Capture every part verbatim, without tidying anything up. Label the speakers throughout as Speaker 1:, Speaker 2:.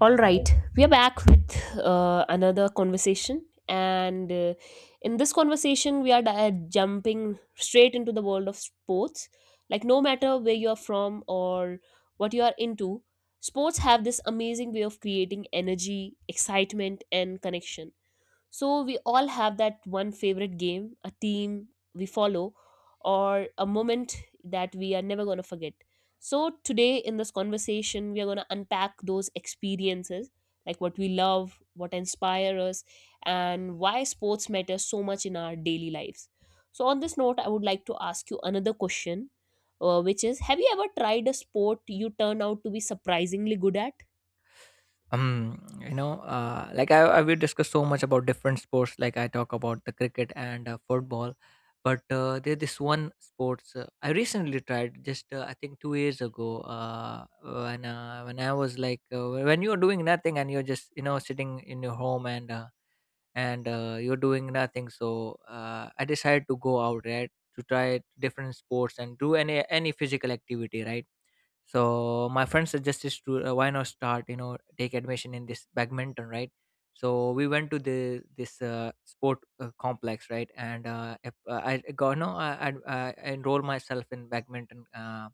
Speaker 1: All right, we are back with uh, another conversation, and uh, in this conversation, we are di- jumping straight into the world of sports. Like, no matter where you are from or what you are into, sports have this amazing way of creating energy, excitement, and connection. So we all have that one favorite game, a team we follow, or a moment that we are never going to forget. So today in this conversation, we are going to unpack those experiences, like what we love, what inspire us, and why sports matter so much in our daily lives. So on this note, I would like to ask you another question, uh, which is: have you ever tried a sport you turned out to be surprisingly good at?
Speaker 2: um you know uh like i, I we discuss so much about different sports. Like, I talk about the cricket and uh, football, but uh, there's this one sports uh, I recently tried just uh, I think two years ago, uh when uh, when I was like uh, when you're doing nothing and you're just, you know, sitting in your home, and uh, and uh, you're doing nothing, so uh, I decided to go out, right, to try different sports and do any any physical activity, right? So my friend suggested to, uh, why not start, you know, take admission in this badminton, right? So we went to the this uh, sport uh, complex, right? And uh, ap- uh, I got no I, I, I enrolled myself in badminton. uh,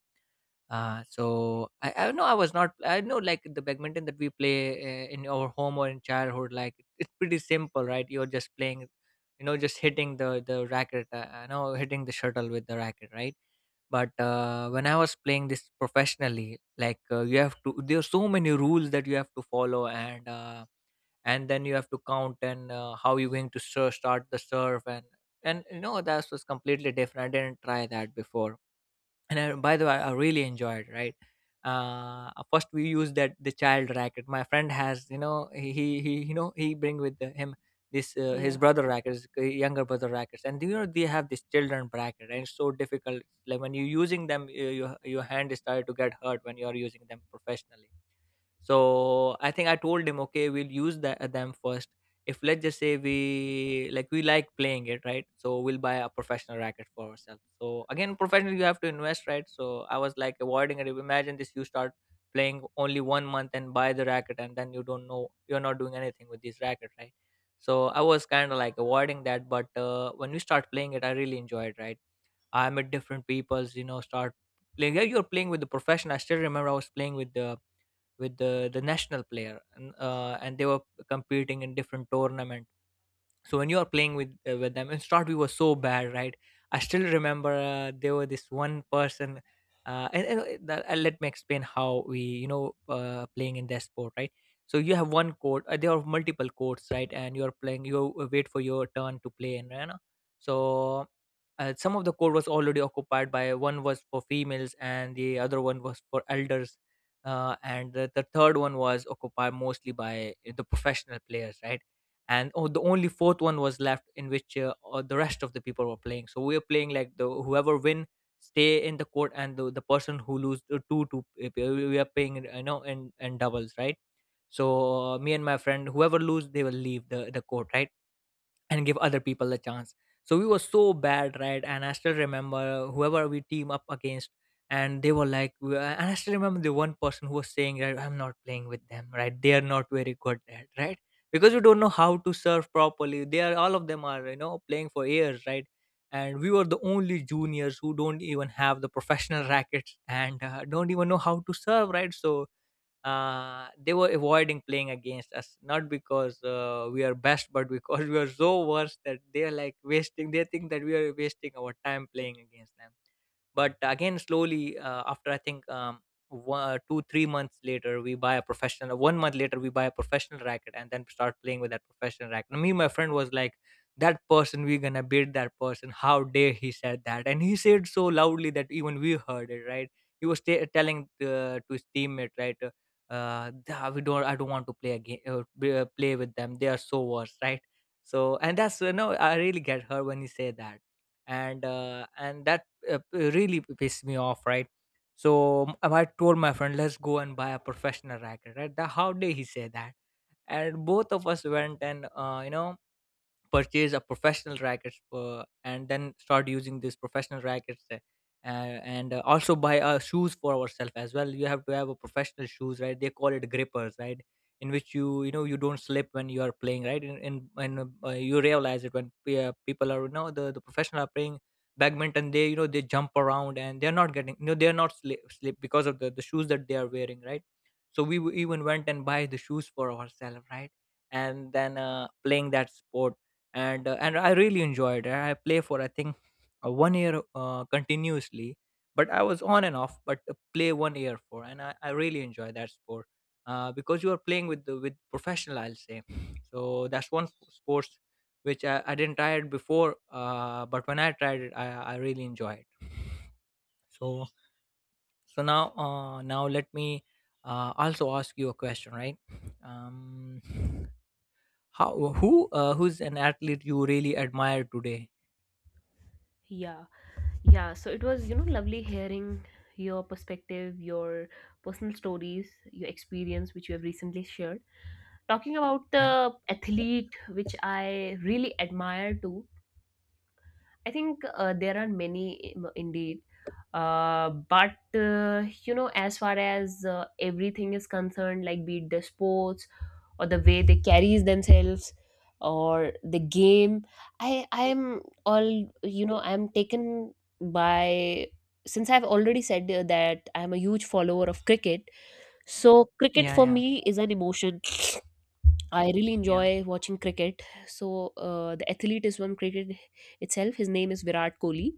Speaker 2: uh, so I, I know, I was not, I know like the badminton that we play uh, in our home or in childhood, like it's pretty simple, right? You're just playing, you know, just hitting the the racket, uh, you know, hitting the shuttle with the racket, right? But uh, when I was playing this professionally, like uh, you have to, there are so many rules that you have to follow. And uh, and then you have to count, and uh, how you're going to ser- start the serve. and and you know, that was completely different, I didn't try that before. And I, by the way, I really enjoyed, right? Uh first we used that the child racket my friend has, you know, he he, he, you know, he bring with the, him this uh, his
Speaker 1: Yeah.
Speaker 2: brother rackets, uh, younger brother rackets. And you know, they have this children bracket and it's so difficult. Like when you're using them, you, you, your hand is started to get hurt when you're using them professionally. So I think I told him, okay, we'll use that them first. If, let's just say, we like we like playing it, right, so we'll buy a professional racket for ourselves. So again, professional, you have to invest, right? So I was like avoiding it. Imagine this, you start playing only one month and buy the racket, and then you don't know, you're not doing anything with this racket, right? So I was kind of like avoiding that. But uh, when we start playing it, I really enjoyed, right? I met different peoples, you know, start playing. Yeah, you're playing with the profession. I still remember I was playing with the with the the national player, and uh, and they were competing in different tournaments. So when you are playing with uh, with them and start, we were so bad, right? I still remember uh, there were this one person. Uh, and, and uh, that, uh, let me explain how we, you know, uh, playing in that sport, right? So you have one court, uh, there are multiple courts, right? And you are playing, you uh, wait for your turn to play, and you know. So uh, some of the court was already occupied. By one was for females and the other one was for elders. Uh, and the, the third one was occupied mostly by the professional players, right? And oh, the only fourth one was left, in which uh, uh, the rest of the people were playing. So we were playing like, the whoever win stay in the court, and the, the person who lose, uh, two two uh, we are paying in, you know, in in doubles, right? So uh, me and my friend, whoever lose, they will leave the the court, right, and give other people a chance. So we were so bad, right? And I still remember, whoever we team up against, and they were like, we- and I still remember the one person who was saying, right, I'm not playing with them, right? They are not very good at, right? Because we don't know how to serve properly. They are, all of them are, you know, playing for years, right? And we were the only juniors who don't even have the professional rackets and uh, don't even know how to serve, right? So uh, they were avoiding playing against us, not because uh, we are best, but because we are so worse that they are like wasting, they think that we are wasting our time playing against them. But again, slowly, uh, after i think um, one, uh, two three months later we buy a professional, uh, one month later we buy a professional racket, and then start playing with that professional racket. And me and my friend was like, that person, we're gonna beat that person. How dare he said that! And he said so loudly that even we heard it, right? He was t- telling uh, to his teammate, right. uh, uh "Dah, we don't I don't want to play again, uh, b- uh, play with them, they are so worse," right? So, and that's you know, I really get her when you say that. And uh and that uh, p- really p- pissed me off, right? So, m- I told my friend, let's go and buy a professional racket, right. Dah, how dare he say that! And both of us went and, uh, you know, purchase a professional rackets for, and then start using these professional rackets. Uh, and uh, Also buy uh, shoes for ourselves as well. You have to have a professional shoes, right? They call it grippers, right, in which you you know, you don't slip when you are playing, right? In, in, when uh, you realize it when pe- uh, people are, you know, the, the professional are playing badminton, they, you know, they jump around and they're not getting, you know, they're not slip, slip because of the, the shoes that they are wearing, right? So we w- even went and buy the shoes for ourselves, right? And then uh, playing that sport. And uh, and I really enjoyed it. I play for, I think, uh, one year uh, continuously, but I was on and off. But uh, play one year for, and I, I really enjoy that sport, uh, because you are playing with the, with professional, I'll say. So that's one s- sports which I, I didn't try it before, uh, but when I tried it, I, I really enjoy it. So so now uh, now let me uh, also ask you a question, right? Um, how who uh, who's an athlete you really admire today?
Speaker 1: Yeah. Yeah, so it was, you know, lovely hearing your perspective, your personal stories, your experience, which you have recently shared. Talking about
Speaker 2: Yeah.
Speaker 1: the athlete, which I really admire too, I think uh, there are many im- indeed. Uh, but, uh, you know, as far as uh, everything is concerned, like be it the sports, or the way they carries themselves or the game i i am all, you know, I'm taken by, since I've already said uh, that I'm a huge follower of cricket. So cricket
Speaker 2: Yeah,
Speaker 1: for
Speaker 2: yeah.
Speaker 1: me is an emotion. I really
Speaker 2: Yeah.
Speaker 1: enjoy watching cricket. So uh, the athlete is from cricket itself. His name is Virat Kohli.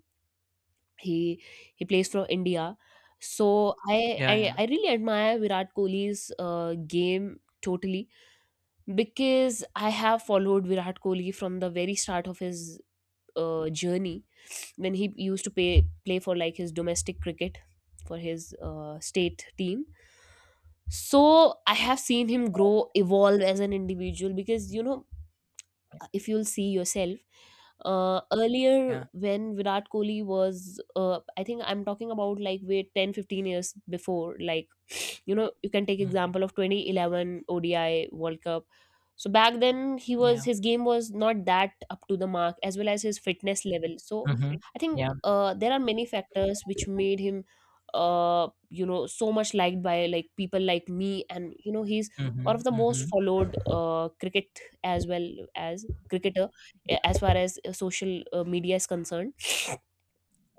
Speaker 1: He he plays for India. So i
Speaker 2: Yeah,
Speaker 1: i,
Speaker 2: yeah.
Speaker 1: I really admire Virat Kohli's uh, game totally, because I have followed Virat Kohli from the very start of his uh, journey, when he used to pay, play for like his domestic cricket, for his uh, state team. So I have seen him grow, evolve as an individual, because you know,
Speaker 2: Yeah.
Speaker 1: if you'll see yourself, uh,
Speaker 2: Yeah,
Speaker 1: earlier
Speaker 2: yeah.
Speaker 1: when Virat Kohli was, uh, I think I'm talking about like wait ten fifteen years before, like you know you can take
Speaker 2: Mhm.
Speaker 1: example of twenty eleven O D I World Cup. So back then he was,
Speaker 2: Yeah.
Speaker 1: his game was not that up to the mark as well as his fitness level. So
Speaker 2: Mhm.
Speaker 1: I think
Speaker 2: Yeah.
Speaker 1: uh, there are many factors which made him uh, you know so much liked by like people like me, and you know he's one of
Speaker 2: Mhm,
Speaker 1: the most
Speaker 2: mhm,
Speaker 1: followed uh, cricket as well as cricketer, a- as far as uh, social uh, media is concerned.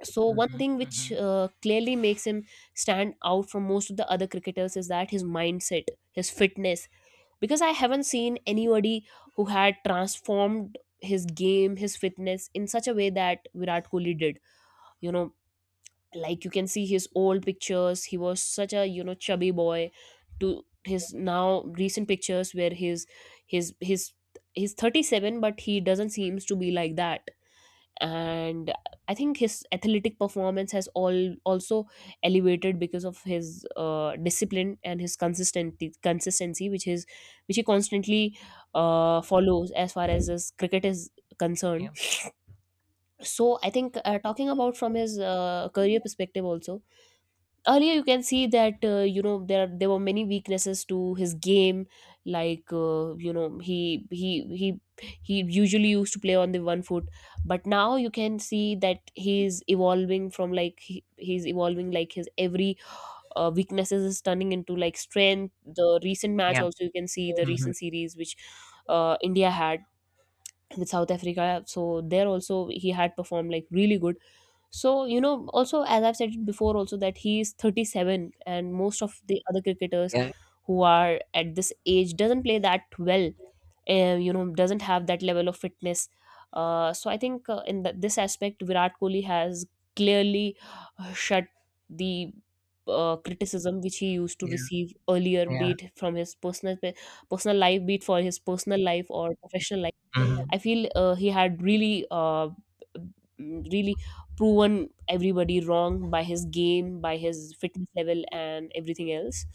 Speaker 1: So one
Speaker 2: mhm,
Speaker 1: thing which
Speaker 2: mhm.
Speaker 1: uh, clearly makes him stand out from most of the other cricketers is that his mindset, his fitness. Because I haven't seen anybody who had transformed his game, his fitness in such a way that Virat Kohli did. You know, like you can see his old pictures, he was such a, you know, chubby boy to his now recent pictures where his his his he's thirty-seven, but he doesn't seems to be like that. And I think his athletic performance has all also elevated because of his uh, discipline and his consistency, consistency, which is, which he constantly uh, follows as far as his cricket is concerned.
Speaker 2: Yeah.
Speaker 1: So I think uh, talking about from his uh, career perspective also, earlier you can see that uh, you know there are- there were many weaknesses to his game, like uh, you know he he he he usually used to play on the one foot, but now you can see that he's evolving from like he, he's evolving like his every uh, weaknesses is turning into like strength. The recent match
Speaker 2: Yeah.
Speaker 1: also you can see, the
Speaker 2: Mhm.
Speaker 1: recent series which uh, India had with South Africa. So there also he had performed like really good. So you know, also as I've said it before, also that he is thirty-seven, and most of the other cricketers
Speaker 2: Yeah.
Speaker 1: who are at this age doesn't play that well. Uh, you know, doesn't have that level of fitness. Uh, so I think uh, in th- this aspect, Virat Kohli has clearly uh, shut the uh, criticism which he used to
Speaker 2: Yeah.
Speaker 1: receive earlier, be
Speaker 2: Yeah.
Speaker 1: it from his personal pe- personal life, be it for his personal life or professional life.
Speaker 2: Mhm.
Speaker 1: I feel uh, he had really, uh, really proven everybody wrong by his game, by his fitness level, and everything else.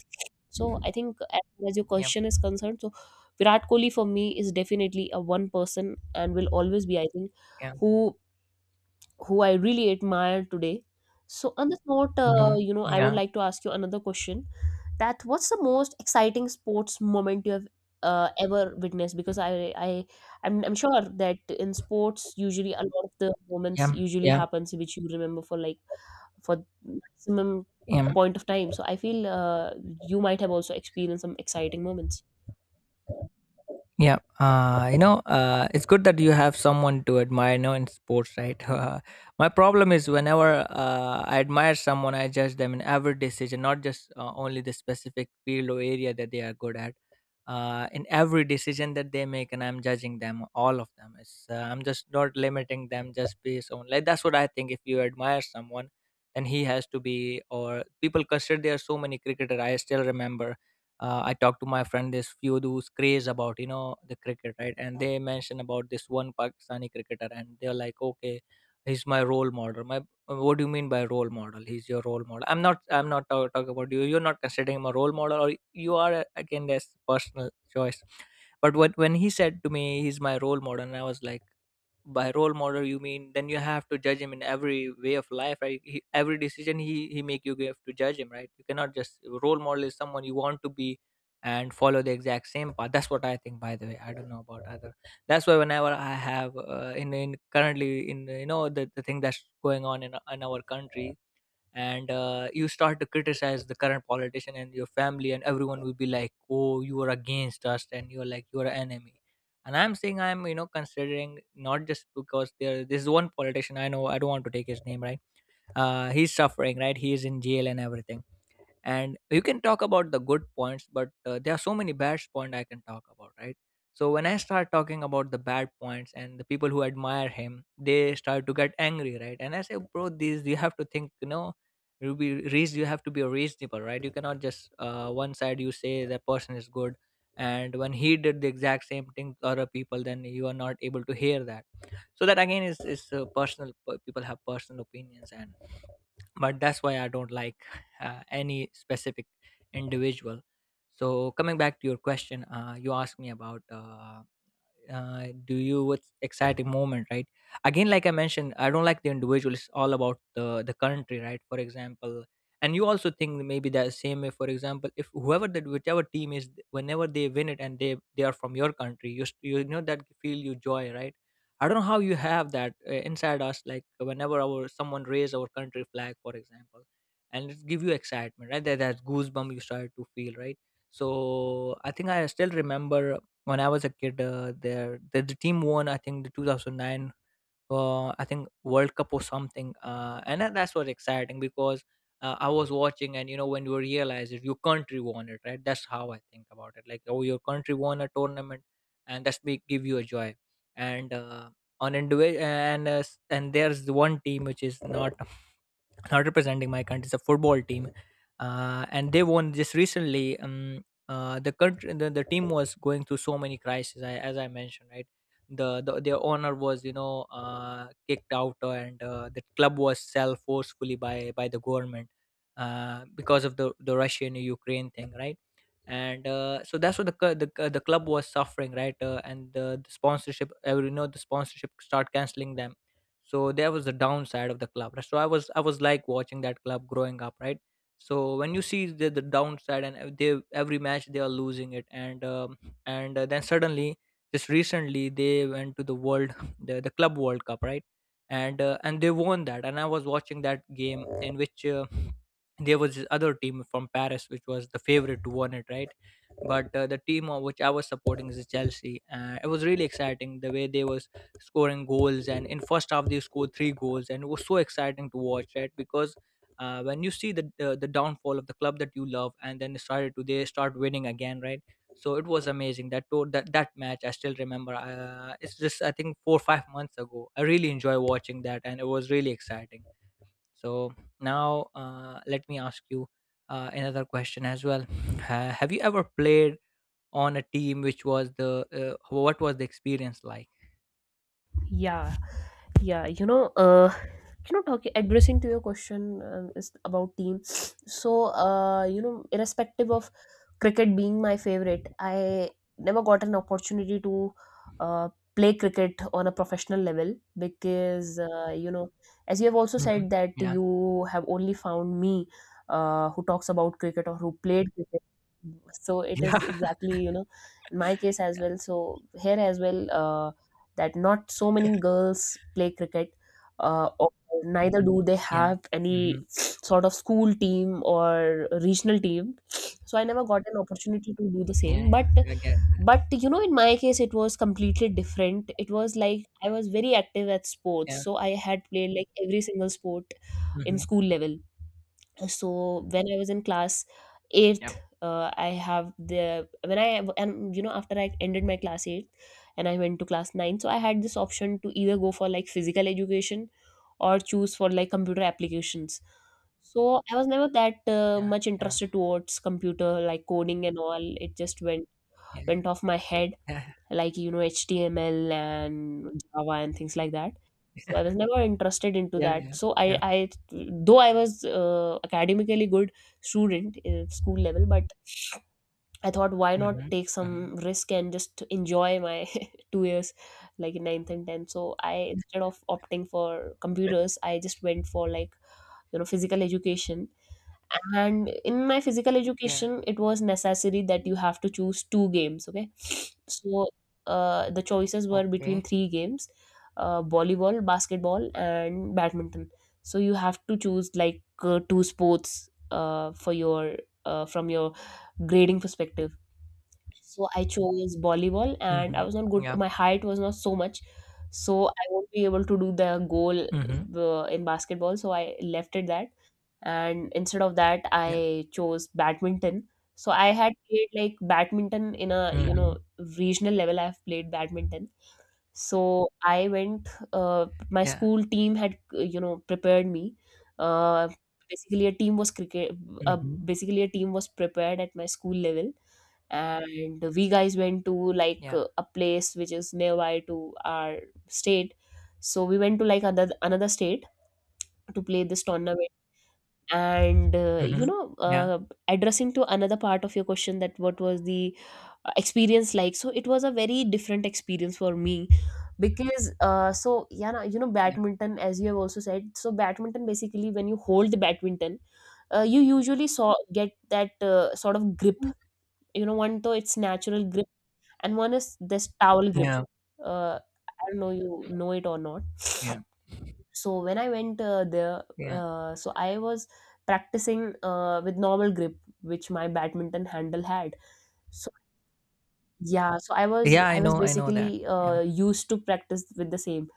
Speaker 1: So I think as far as your
Speaker 2: Yeah.
Speaker 1: question is concerned, so Virat Kohli for me is definitely a one person and will always be, I think,
Speaker 2: Yeah.
Speaker 1: who who I really admire today. So, on this note, uh,
Speaker 2: Mhm.
Speaker 1: you know, I would
Speaker 2: Yeah.
Speaker 1: like to ask you another question. That what's the most exciting sports moment you have uh, ever witnessed? Because I, I, I'm, I'm sure that in sports, usually a lot of the moments
Speaker 2: Yeah.
Speaker 1: usually
Speaker 2: Yeah.
Speaker 1: happens which you remember for like for maximum
Speaker 2: Yeah.
Speaker 1: point of time. So I feel uh, you might have also experienced some exciting moments.
Speaker 2: Yeah, uh, you know, uh, it's good that you have someone to admire, you know, in sports, right? Uh, my problem is, whenever uh, I admire someone, I judge them in every decision, not just uh, only the specific field or area that they are good at. Uh, in every decision that they make, and I'm judging them, all of them. It's, uh, I'm just not limiting them just based on, like, that's what I think. If you admire someone, then he has to be, or people consider, there are so many cricketer. I still remember uh, I talked to my friend this few who's craze about, you know, the cricket, right? And they mentioned about this one Pakistani cricketer and they're like, okay, he's my role model, my. Uh, what do you mean by role model? He's your role model? I'm not I'm not talking talk talk about, you, you're not considering him a role model, or you are, uh, again, that's personal choice. But when, when he said to me he's my role model, and I was like, by role model you mean, then you have to judge him in every way of life, right? He, every decision he he make, you have to judge him, right? You cannot just, role model is someone you want to be and follow the exact same path. That's what I think. By the way, I don't know about other. That's why whenever I have, uh, in in currently in, uh, you know, the, the thing that's going on in, in our country, and uh, you start to criticize the current politician, and your family and everyone will be like, oh, you are against us, and you're like, you're an enemy. And I'm saying, I'm, you know, considering not just because there, this is one politician, I know, I don't want to take his name, right? Uh he's suffering, right? He is in jail and everything. And you can talk about the good points, but uh, there are so many bad points I can talk about, right? So when I start talking about the bad points, and the people who admire him, they start to get angry, right? And I say, bro, these, you have to think, you know, you be reas- you Have to be reasonable, right? You cannot just uh, one side you say that person is good, and when he did the exact same thing to other people then you are not able to hear that. So that again is is uh, personal, p- people have personal opinions and, but that's why I don't like uh, any specific individual. So coming back to your question, uh, you asked me about uh, uh, do you, what's exciting moment, right? Again, like I mentioned, I don't like the individual, it's all about the the country, right? For example, and you also think maybe the same way, for example, if whoever that whichever team is, whenever they win it and they they are from your country, you s- you know that feel, you joy, right? I don't know how you have that uh, inside us, like whenever our someone raise our country flag, for example, and it give you excitement, right? That, that goosebump you start to feel, right? So I think I still remember when I was a kid, uh, there the, the team won, I think the two thousand nine uh, I think World Cup or something. Uh, and that- that's what's exciting because uh, I was watching, and you know, when you realize it, your country won it, right? That's how I think about it. Like, oh, your country won a tournament, and that's make give you a joy. And uh, On individual, and uh, s- and there's the one team which is not not representing my country. It's a football team, uh, and they won just recently. Um, uh, the country, the, the team was going through so many crises, I, as I mentioned, right? The, the their owner was, you know, uh, kicked out, and uh, the club was sold forcefully by by the government uh, because of the the Russian Ukraine thing, right? and uh, So that's what the cl- the, cl- the club was suffering, right? Uh, and the, the sponsorship, uh, you know, the sponsorship start canceling them. So there was the downside of the club, right? So i was I was like watching that club growing up, right? So when you see the, the downside and ev- they every match they are losing it, and um, and uh, then suddenly, just recently they went to the world the, the club world cup, right? And uh, and they won that, and I was watching that game in which uh, there was this other team from Paris which was the favorite to win it, right? But uh, the team of which I was supporting is Chelsea. Uh, it was really exciting the way they was scoring goals, and in first half they scored three goals, and it was so exciting to watch, right? Because uh, when you see the uh, the downfall of the club that you love, and then they started to they start winning again, right? So it was amazing that to- that that match I still remember. Uh, it's just I think four or five months ago. I really enjoy watching that, and it was really exciting. So now uh, let me ask you uh, another question as well. Ha- have you ever played on a team, which was the uh, what was the experience like?
Speaker 1: Yeah, yeah, you know uh you know talking, addressing to your question, um, is about team. So uh you know, irrespective of cricket being my favorite, I never got an opportunity to uh, play cricket on a professional level, because uh, you know, as you have also
Speaker 2: Hmm.
Speaker 1: said that
Speaker 2: Yeah.
Speaker 1: you have only found me, uh, who talks about cricket or who played cricket. So it is
Speaker 2: Yeah,
Speaker 1: exactly, you know, in my case as well. So here as well, Uh, that not so many girls play cricket, uh, or neither do they
Speaker 2: yeah.
Speaker 1: have any
Speaker 2: Hmm.
Speaker 1: sort of school team or regional team. So I never got an opportunity to do the
Speaker 2: Yeah,
Speaker 1: same,
Speaker 2: yeah.
Speaker 1: but
Speaker 2: I get that.
Speaker 1: but you know in my case it was completely different. It was like I was very active at sports,
Speaker 2: Yeah.
Speaker 1: so I had played like every single sport in
Speaker 2: Hmm.
Speaker 1: school level. So when I was in class eighth, uh, I have the when I and you know, after I ended my class eighth and I went to class nine, so I had this option to either go for like physical education or choose for like computer applications. So I was never that uh,
Speaker 2: Yeah,
Speaker 1: much
Speaker 2: yeah,
Speaker 1: interested towards computer, like coding and all. It just went
Speaker 2: yeah, yeah.
Speaker 1: went off my head, like you know HTML and Java and things like that. So I was never interested into
Speaker 2: Yeah,
Speaker 1: that.
Speaker 2: yeah,
Speaker 1: So i
Speaker 2: yeah.
Speaker 1: i though I was uh, academically good student in school level, but I thought why not
Speaker 2: Hmm.
Speaker 1: take some
Speaker 2: Hmm.
Speaker 1: risk and just enjoy my two years like in ninth and tenth. So I, instead of opting for computers, I just went for like, you know, physical education. And in my physical
Speaker 2: Yeah.
Speaker 1: education, it was necessary that you have to choose two games, okay. So uh, the choices were between
Speaker 2: Okay.
Speaker 1: three games, uh, volleyball, basketball and badminton. So you have to choose like uh, two sports uh, for your uh, from your grading perspective. So I chose volleyball, and I
Speaker 2: Hmm.
Speaker 1: was not good,
Speaker 2: Yeah.
Speaker 1: my height was not so much. So I won't be able to do the goal
Speaker 2: Hmm.
Speaker 1: uh, in basketball, so I left it that, and instead of that
Speaker 2: Yeah.
Speaker 1: I chose badminton. So I had played like badminton in a, you know,
Speaker 2: Hmm.
Speaker 1: regional level, I've played badminton. So I went, uh, my
Speaker 2: Yeah.
Speaker 1: school team had uh, you know prepared me uh, basically a team was cricket uh,
Speaker 2: Hmm.
Speaker 1: basically a team was prepared at my school level, and we guys went to like
Speaker 2: Yeah.
Speaker 1: uh, a place which is nearby to our state. So we went to like another another state to play this tournament. And, uh, you
Speaker 2: Hmm.
Speaker 1: know,
Speaker 2: Yeah.
Speaker 1: uh, addressing to another part of your question, that what was the uh, experience like? So it was a very different experience for me, because uh, so yeah, na- you know,
Speaker 2: Yeah.
Speaker 1: badminton, as you have also said. So badminton basically when you hold the badminton, uh, you usually saw get that uh, sort of grip. You know, one though it's natural grip, and one is this towel grip.
Speaker 2: Yeah.
Speaker 1: Uh, I don't know you know it or not.
Speaker 2: Yeah.
Speaker 1: So when I went uh, there,
Speaker 2: Yeah.
Speaker 1: uh, so I was practicing uh, with normal grip which my badminton handle had. So yeah, so i was
Speaker 2: Yeah, I
Speaker 1: i was
Speaker 2: know, I know that.
Speaker 1: basically uh,
Speaker 2: Yeah,
Speaker 1: used to practice with the same.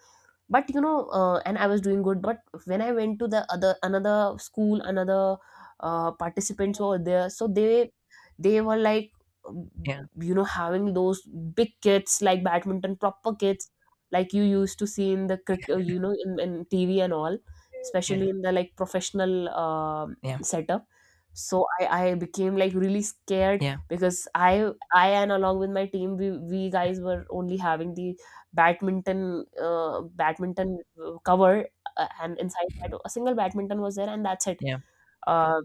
Speaker 1: But you know uh, and I was doing good, but when I went to the other, another school, another uh, participants over there, so they they were like, um,
Speaker 2: yeah,
Speaker 1: you know, having those big kits like badminton proper kits, like you used to see in the cric- uh, you know in, in TV and all,
Speaker 2: yeah,
Speaker 1: especially in the like professional um
Speaker 2: yeah,
Speaker 1: setup. So i i became like really scared, because i i and along with my team, we we guys were only having the badminton uh, badminton uh, cover, uh, and inside that a single badminton was there, and that's it.
Speaker 2: yeah,
Speaker 1: Uh,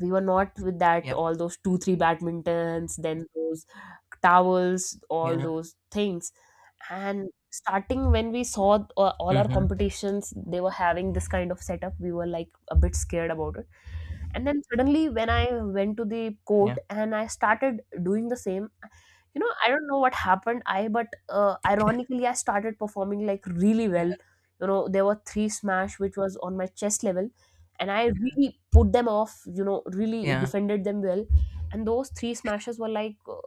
Speaker 1: we were not with that
Speaker 2: yeah,
Speaker 1: all those two three badmintons, then those towels,
Speaker 2: yeah,
Speaker 1: all
Speaker 2: yeah.
Speaker 1: those things. And starting when we saw uh, all our
Speaker 2: Mhm.
Speaker 1: competitions, they were having this kind of setup, we were like a bit scared about it. And then suddenly, when I went to the court
Speaker 2: Yeah,
Speaker 1: and I started doing the same, you know, I don't know what happened. I but uh, Ironically, I started performing like really
Speaker 2: yeah,
Speaker 1: well. You know, there were three smash which was on my chest level, and I really put them off. You know, really
Speaker 2: yeah,
Speaker 1: defended them well, and those three smashes were like uh,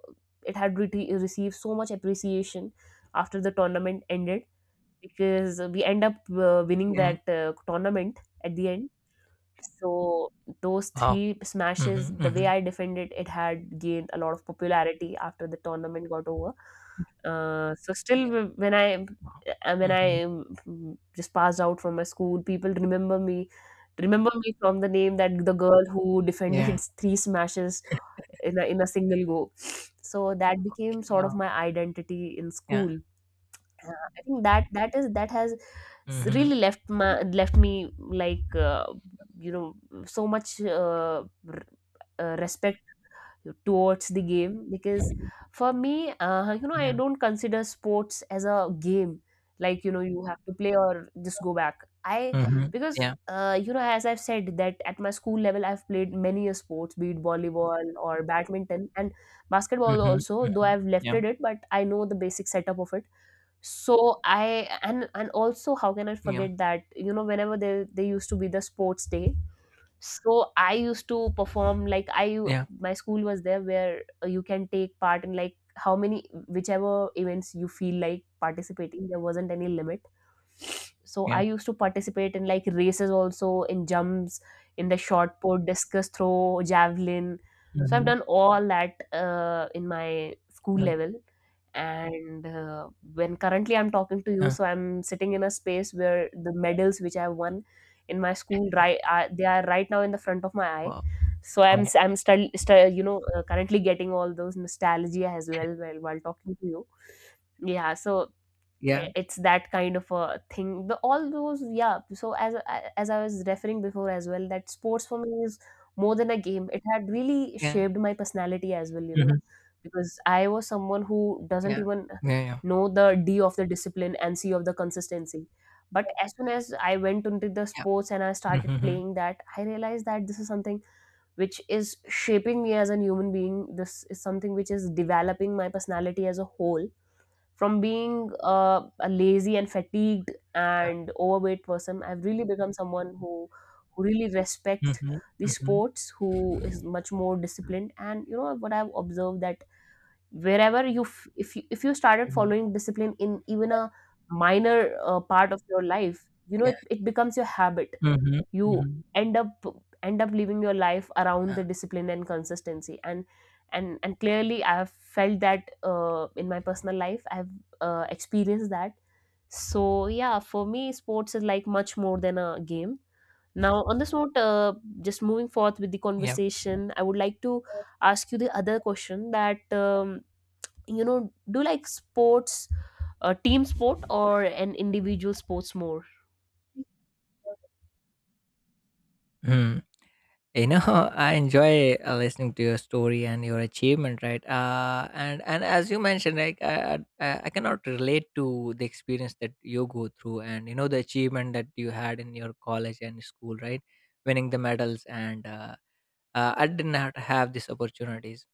Speaker 1: it had re- received so much appreciation after the tournament ended because we end up uh, winning
Speaker 2: yeah.
Speaker 1: that uh, tournament at the end. So those
Speaker 2: Wow.
Speaker 1: three smashes,
Speaker 2: Mhm.
Speaker 1: the way
Speaker 2: Mhm.
Speaker 1: I defended, it had gained a lot of popularity after the tournament got over. Uh, so still,
Speaker 2: Yeah.
Speaker 1: wh- when I
Speaker 2: Wow.
Speaker 1: and when
Speaker 2: Mhm.
Speaker 1: I um, just passed out from my school, people remember me, remember me from the name that the girl who defended
Speaker 2: Yeah.
Speaker 1: three smashes in a, in a single go. So that became
Speaker 2: K-
Speaker 1: sort of
Speaker 2: Wow.
Speaker 1: my identity in
Speaker 2: Yeah.
Speaker 1: school uh, I think that that is that has s-
Speaker 2: Mhm.
Speaker 1: really left my left me like uh, you know so much uh, r- uh, respect towards the game because for me uh, you know I
Speaker 2: Yeah.
Speaker 1: don't consider sports as a game like you know you have to play or just go back I
Speaker 2: Mhm.
Speaker 1: because
Speaker 2: Yeah.
Speaker 1: uh, you know as I've said that at my school level I've played many a sports be it volleyball or badminton and basketball
Speaker 2: Mhm.
Speaker 1: also though
Speaker 2: Mhm.
Speaker 1: I've left
Speaker 2: Yeah.
Speaker 1: it but I know the basic setup of it. So I and and also how can I
Speaker 2: Yeah.
Speaker 1: forget that, you know, whenever there there used to be the sports day, so I used to perform like I
Speaker 2: Yeah.
Speaker 1: my school was there where uh, you can take part in like how many whichever events you feel like participating. There wasn't any limit, so I
Speaker 2: Yeah.
Speaker 1: used to participate in like races, also in jumps, in the shot put, discus throw, javelin. So I've
Speaker 2: Mhm.
Speaker 1: done all that uh, in my school
Speaker 2: Yeah.
Speaker 1: level. And uh, when currently I'm talking to you,
Speaker 2: Yeah.
Speaker 1: so I'm sitting in a space where the medals which I won in my school, right, uh, they are right now in the front of my eye.
Speaker 2: Wow.
Speaker 1: So i'm
Speaker 2: Wow.
Speaker 1: s- I'm still still you know uh, currently getting all those nostalgia as well while, while talking to you. Yeah. So
Speaker 2: Yeah.
Speaker 1: it's that kind of a thing, the all those. Yeah. So as as I was referring before as well, that sports for me is more than a game. It had really
Speaker 2: Yeah.
Speaker 1: shaped my personality as well, you know,
Speaker 2: Mhm.
Speaker 1: because I was someone who doesn't
Speaker 2: Yeah.
Speaker 1: even
Speaker 2: Yeah. Yeah.
Speaker 1: know the D of the discipline and C of the consistency. But as soon as I went into the
Speaker 2: Yeah.
Speaker 1: sports and I started
Speaker 2: Mhm.
Speaker 1: playing that, I realized that this is something which is shaping me as a human being. This is something which is developing my personality as a whole. From being uh, a lazy and fatigued
Speaker 2: Yeah.
Speaker 1: and overweight person, I've really become someone who who really respect
Speaker 2: Mhm.
Speaker 1: the
Speaker 2: Mhm.
Speaker 1: sports, who is much more disciplined. And you know what I've observed, that wherever you f- if you, if you started
Speaker 2: Mhm.
Speaker 1: following discipline in even a minor uh, part of your life, you know
Speaker 2: Yeah.
Speaker 1: it, it becomes your habit.
Speaker 2: Mhm.
Speaker 1: You
Speaker 2: Mhm.
Speaker 1: end up end up living your life around the
Speaker 2: Yeah.
Speaker 1: discipline and consistency. And and and clearly I have felt that uh, in my personal life I have uh, experienced that. So yeah, for me sports is like much more than a game. Now on this note, uh, just moving forth with the
Speaker 2: Yeah.
Speaker 1: conversation, I would like to ask you the other question that um, you know, do you like sports, a team sport or an individual sports more?
Speaker 2: Hmm. You know, I enjoy uh, listening to your story and your achievement, right? Uh, and and as you mentioned, like I, I i cannot relate to the experience that you go through and you know the achievement that you had in your college and school, right? Winning the medals and uh, uh, I did not have these opportunities.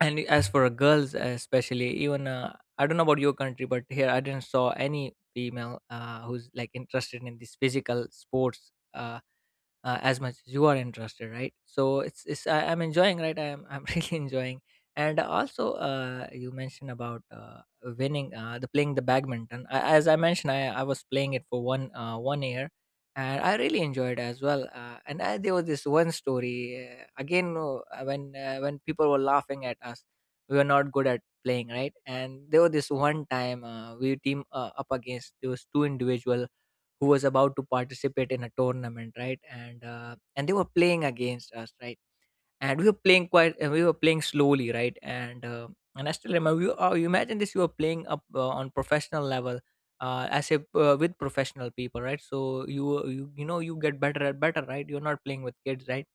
Speaker 2: And as for girls especially, even uh, I don't know about your country, but here I didn't saw any female uh, who's like interested in these physical sports, uh, uh, as much as you are interested, right? So it's, it's I, I'm enjoying, right? i'm, I'm really enjoying. And also uh, you mentioned about uh, winning uh, the playing the badminton. I, as I mentioned, I, I was playing it for one uh, one year, and I really enjoyed as well. Uh, and I, there was this one story, uh, again no, uh, when uh, when people were laughing at us, we were not good at playing, right? And there was this one time, uh, we team uh, up against those two individual who was about to participate in a tournament, right? And uh, and they were playing against us, right? And we were playing quite uh, we were playing slowly, right? And uh, and I still remember you, uh, you imagine this, you were playing up uh, on professional level, uh, as if uh, with professional people, right? So you you you know you get better and better, right? You're not playing with kids, right?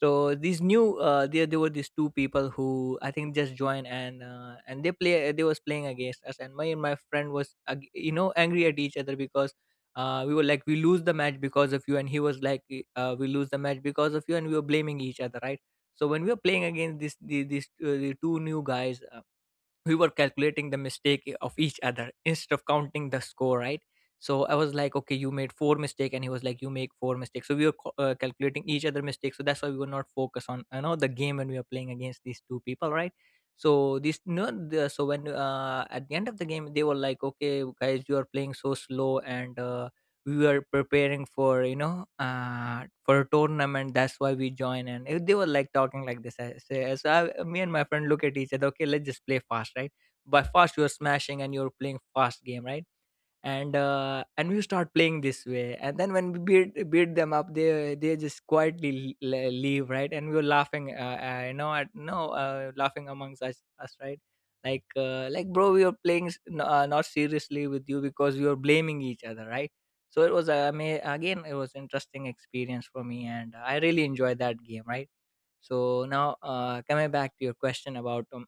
Speaker 2: So these new uh, there there were these two people who I think just joined, and uh, and they play they was playing against us, and my and my friend was ag- you know, angry at each other because uh, we were like we lose the match because of you, and he was like "Y-" uh, we lose the match because of you, and we were blaming each other, right? So when we were playing against this the, these uh, the two new guys, uh, we were calculating the mistake of each other instead of counting the score, right? So I was like, okay, you made four mistake, and he was like, you make four mistakes. So we were co- uh, calculating each other mistakes, so that's why we were not focused on, you know, the game when we were playing against these two people, right? So this no the, so when uh, at the end of the game they were like, okay guys, you are playing so slow and uh, we were preparing for, you know, uh, for a tournament, that's why we join. And if they were like talking like this, I say, so I, me and my friend look at each other, okay, let's just play fast, right? By fast, you're smashing and you're playing fast game, right? And uh, and we start playing this way, and then when we beat beat them up, they they just quietly l- l- leave, right? And we were laughing uh, uh, you know, at no uh, laughing amongst us, us, right? Like uh, like bro, we were playing s- n- uh, not seriously with you because we were blaming each other, right? So it was uh, ama- again, it was interesting experience for me, and I really enjoyed that game, right? So now uh, coming back to your question about um,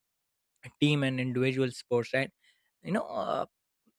Speaker 2: team and individual sports, right? You know, uh,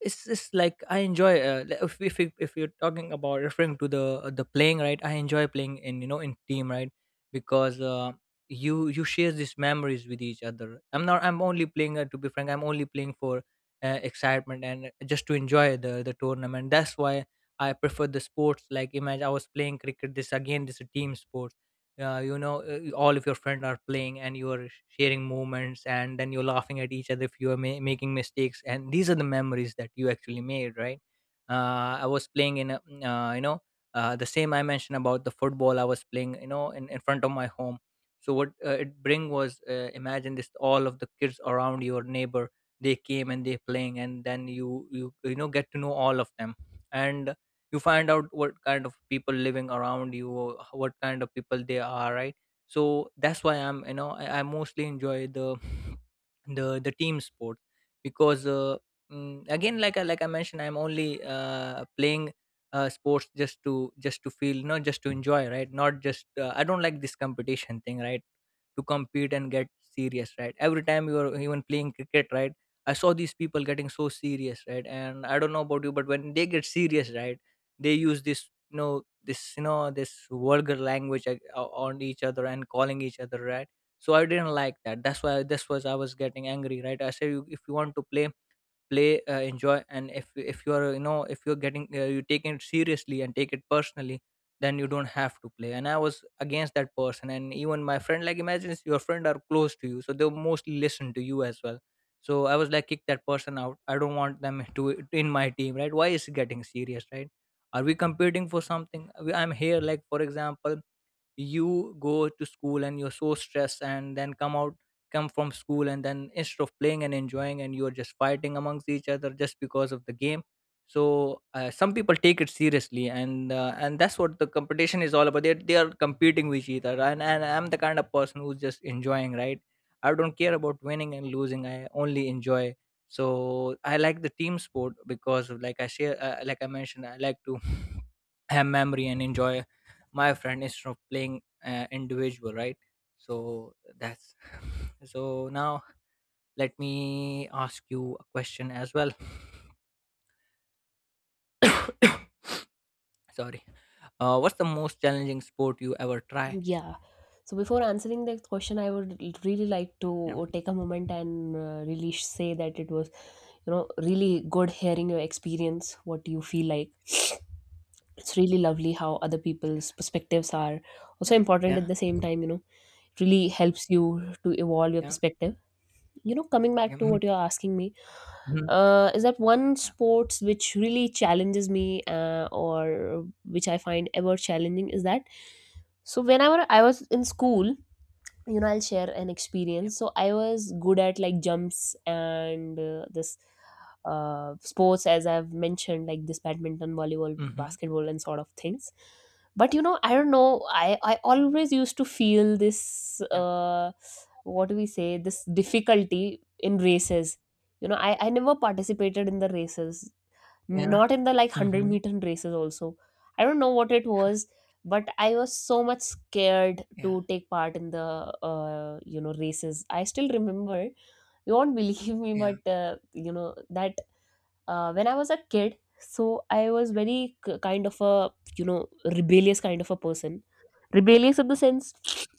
Speaker 2: it's just like I enjoy, uh, le- if, if you- if you're talking about referring to the uh, the playing, right? I enjoy playing in, you know, in team, right? Because uh, you you share these memories with each other. I'm not I'm only playing uh, to be frank, I'm only playing for uh, excitement and just to enjoy the the tournament. That's why I prefer the sports. Like imagine I was playing cricket, this again, this is a team sport. Uh, you know, uh, all of your friends are playing and you are sharing moments, and then you're laughing at each other if you are ma- making mistakes, and these are the memories that you actually made, right? uh, I was playing in a, mm, uh, you know, uh, the same I mentioned about the football, I was playing, you know, in, in front of my home. So what uh, it bring was, uh, imagine this, all of the kids around your neighbor, they came and they playing, and then you you you know get to know all of them, and you find out what kind of people living around you or what kind of people they are, right? So that's why I'm you know I, I mostly enjoy the the the team sport. Because uh, mm, again, like I, like I mentioned, I'm only uh, playing uh, sports just to just to feel, not just to enjoy, right? Not just uh, I don't like this competition thing, right? To compete and get serious, right? Every time you're even playing cricket, right? I saw these people getting so serious, right? And I don't know about you, but when they get serious, right, they use this, you know, this, you know, this vulgar language ag- o- on each other and calling each other, right? So I didn't like that, that's why this was I was getting angry, right? I said you- if you want to play, play uh, enjoy, and if if you are, you know, if you're getting uh, you taking it seriously and take it personally, then you don't have to play. And I was against that person, and even my friend, like imagine, it's your friend are close to you, so they'll mostly listen to you as well. So I was like, kick that person out, I don't want them to in my team, right? Why is it getting serious, right? Are we competing for something? We- I'm here, like, for example, you go to school and you're so stressed, and then come out, come from school, and then instead of playing and enjoying, and you're just fighting amongst each other just because of the game. So uh, some people take it seriously, and uh, and that's what the competition is all about, they they are competing with each other. and, and I'm the kind of person who's just enjoying, right? I don't care about winning and losing, I only enjoy. So I like the team sport because of, like I share, uh, like I mentioned, I like to have memory and enjoy my friend instead of playing uh, individual, right? So that's so now let me ask you a question as well. Sorry, uh, what's the most challenging sport you ever try?
Speaker 1: Yeah. So before answering that question, I would l- really like
Speaker 2: Yeah.
Speaker 1: to take a moment and uh, really sh- say that it was, you know, really good hearing your experience, what you feel like. It's really lovely how other people's perspectives are also important at
Speaker 2: Yeah.
Speaker 1: the same time, you know, it really helps you to evolve your
Speaker 2: Yeah.
Speaker 1: perspective. You know, coming back
Speaker 2: Yeah.
Speaker 1: to
Speaker 2: Mhm.
Speaker 1: what you're asking me,
Speaker 2: Mhm.
Speaker 1: uh, is that one
Speaker 2: Yeah.
Speaker 1: sports which really challenges me uh, or which I find ever challenging is that, so whenever I was in school, you know, I'll share an
Speaker 2: Yeah.
Speaker 1: experience. So I was good at like jumps and uh, this uh, sports as I've mentioned, like this badminton, volleyball,
Speaker 2: Mm-hmm.
Speaker 1: basketball and sort of things. But you know, I don't know, i i always used to feel this
Speaker 2: Yeah.
Speaker 1: uh, what do we say, this difficulty in races. You know, i i never participated in the races,
Speaker 2: Yeah.
Speaker 1: not in the like 100
Speaker 2: Mm-hmm.
Speaker 1: meter races also. I don't know what it was, but I was so much scared
Speaker 2: Yeah.
Speaker 1: to take part in the uh, you know, races. I still remember, you won't believe me,
Speaker 2: Yeah.
Speaker 1: but uh, you know that uh, when I was a kid, so I was very k- kind of a you know rebellious kind of a person. Rebellious in the sense,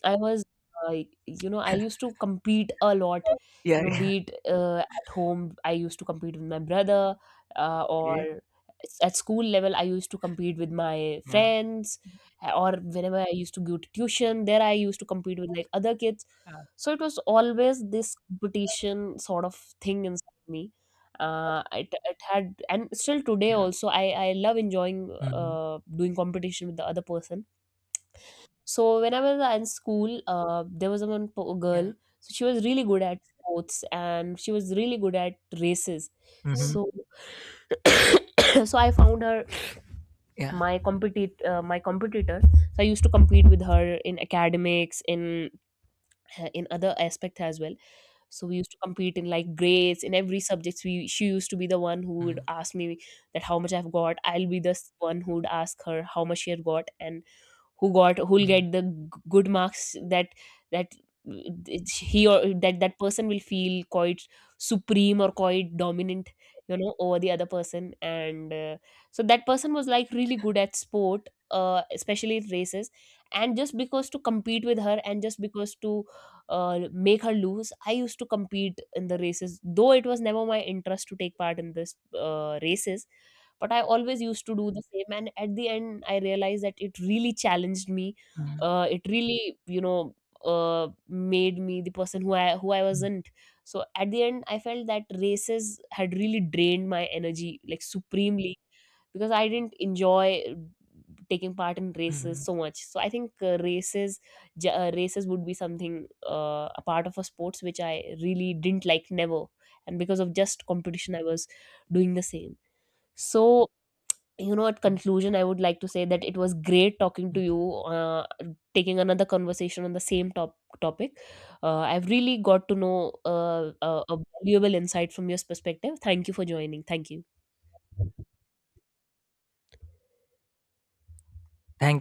Speaker 1: I was uh, you know, I used to compete a lot,
Speaker 2: Yeah.
Speaker 1: you know,
Speaker 2: Yeah.
Speaker 1: be it uh, at home I used to compete with my brother, uh,
Speaker 2: Okay.
Speaker 1: or s- at school level I used to compete with my
Speaker 2: Yeah.
Speaker 1: friends, uh, or whenever I used to go to tuition, there I used to compete with like other kids.
Speaker 2: Yeah.
Speaker 1: So it was always this competition sort of thing inside me. Uh, it, it had and still today
Speaker 2: Yeah.
Speaker 1: also i i love enjoying
Speaker 2: Mm-hmm.
Speaker 1: uh, doing competition with the other person. So when I was in school, uh, there was one po- girl.
Speaker 2: Yeah.
Speaker 1: So she was really good at sports and she was really good at races.
Speaker 2: Mm-hmm.
Speaker 1: So so I found her
Speaker 2: Yeah.
Speaker 1: my compete uh, my competitor. So I used to compete with her in academics, in uh, in other aspects as well. So we used to compete in like grades in every subject. We She used to be the one who would
Speaker 2: Mm-hmm.
Speaker 1: ask me that how much I've got. I'll be the s- one who would ask her how much she had got, and who got who'll get the g- good marks. That that it's- he or that that person will feel quite supreme or quite dominant, you know, over the other person. And uh, so that person was like really good at sport, uh, especially in races. And just because to compete with her, and just because to uh, make her lose, I used to compete in the races, though it was never my interest to take part in this uh, races. But I always used to do the same, and at the end I realized that it really challenged me.
Speaker 2: Mm-hmm.
Speaker 1: Uh, it really, you know, uh, made me the person who i who i
Speaker 2: Mm-hmm.
Speaker 1: wasn't. So at the end I felt that races had really drained my energy like supremely, because I didn't enjoy uh, taking part in races
Speaker 2: Mm-hmm.
Speaker 1: so much. So I think uh, races j- uh, races would be something uh, a part of a sports which I really didn't like, never. And because of just competition, I was doing the same. So you know, at conclusion, I would like to say that it was great talking to you,
Speaker 2: Mm-hmm.
Speaker 1: uh, taking another conversation on the same top topic. uh, I've really got to know uh, a, a valuable insight from your perspective. Thank you for joining. Thank you.
Speaker 2: Thank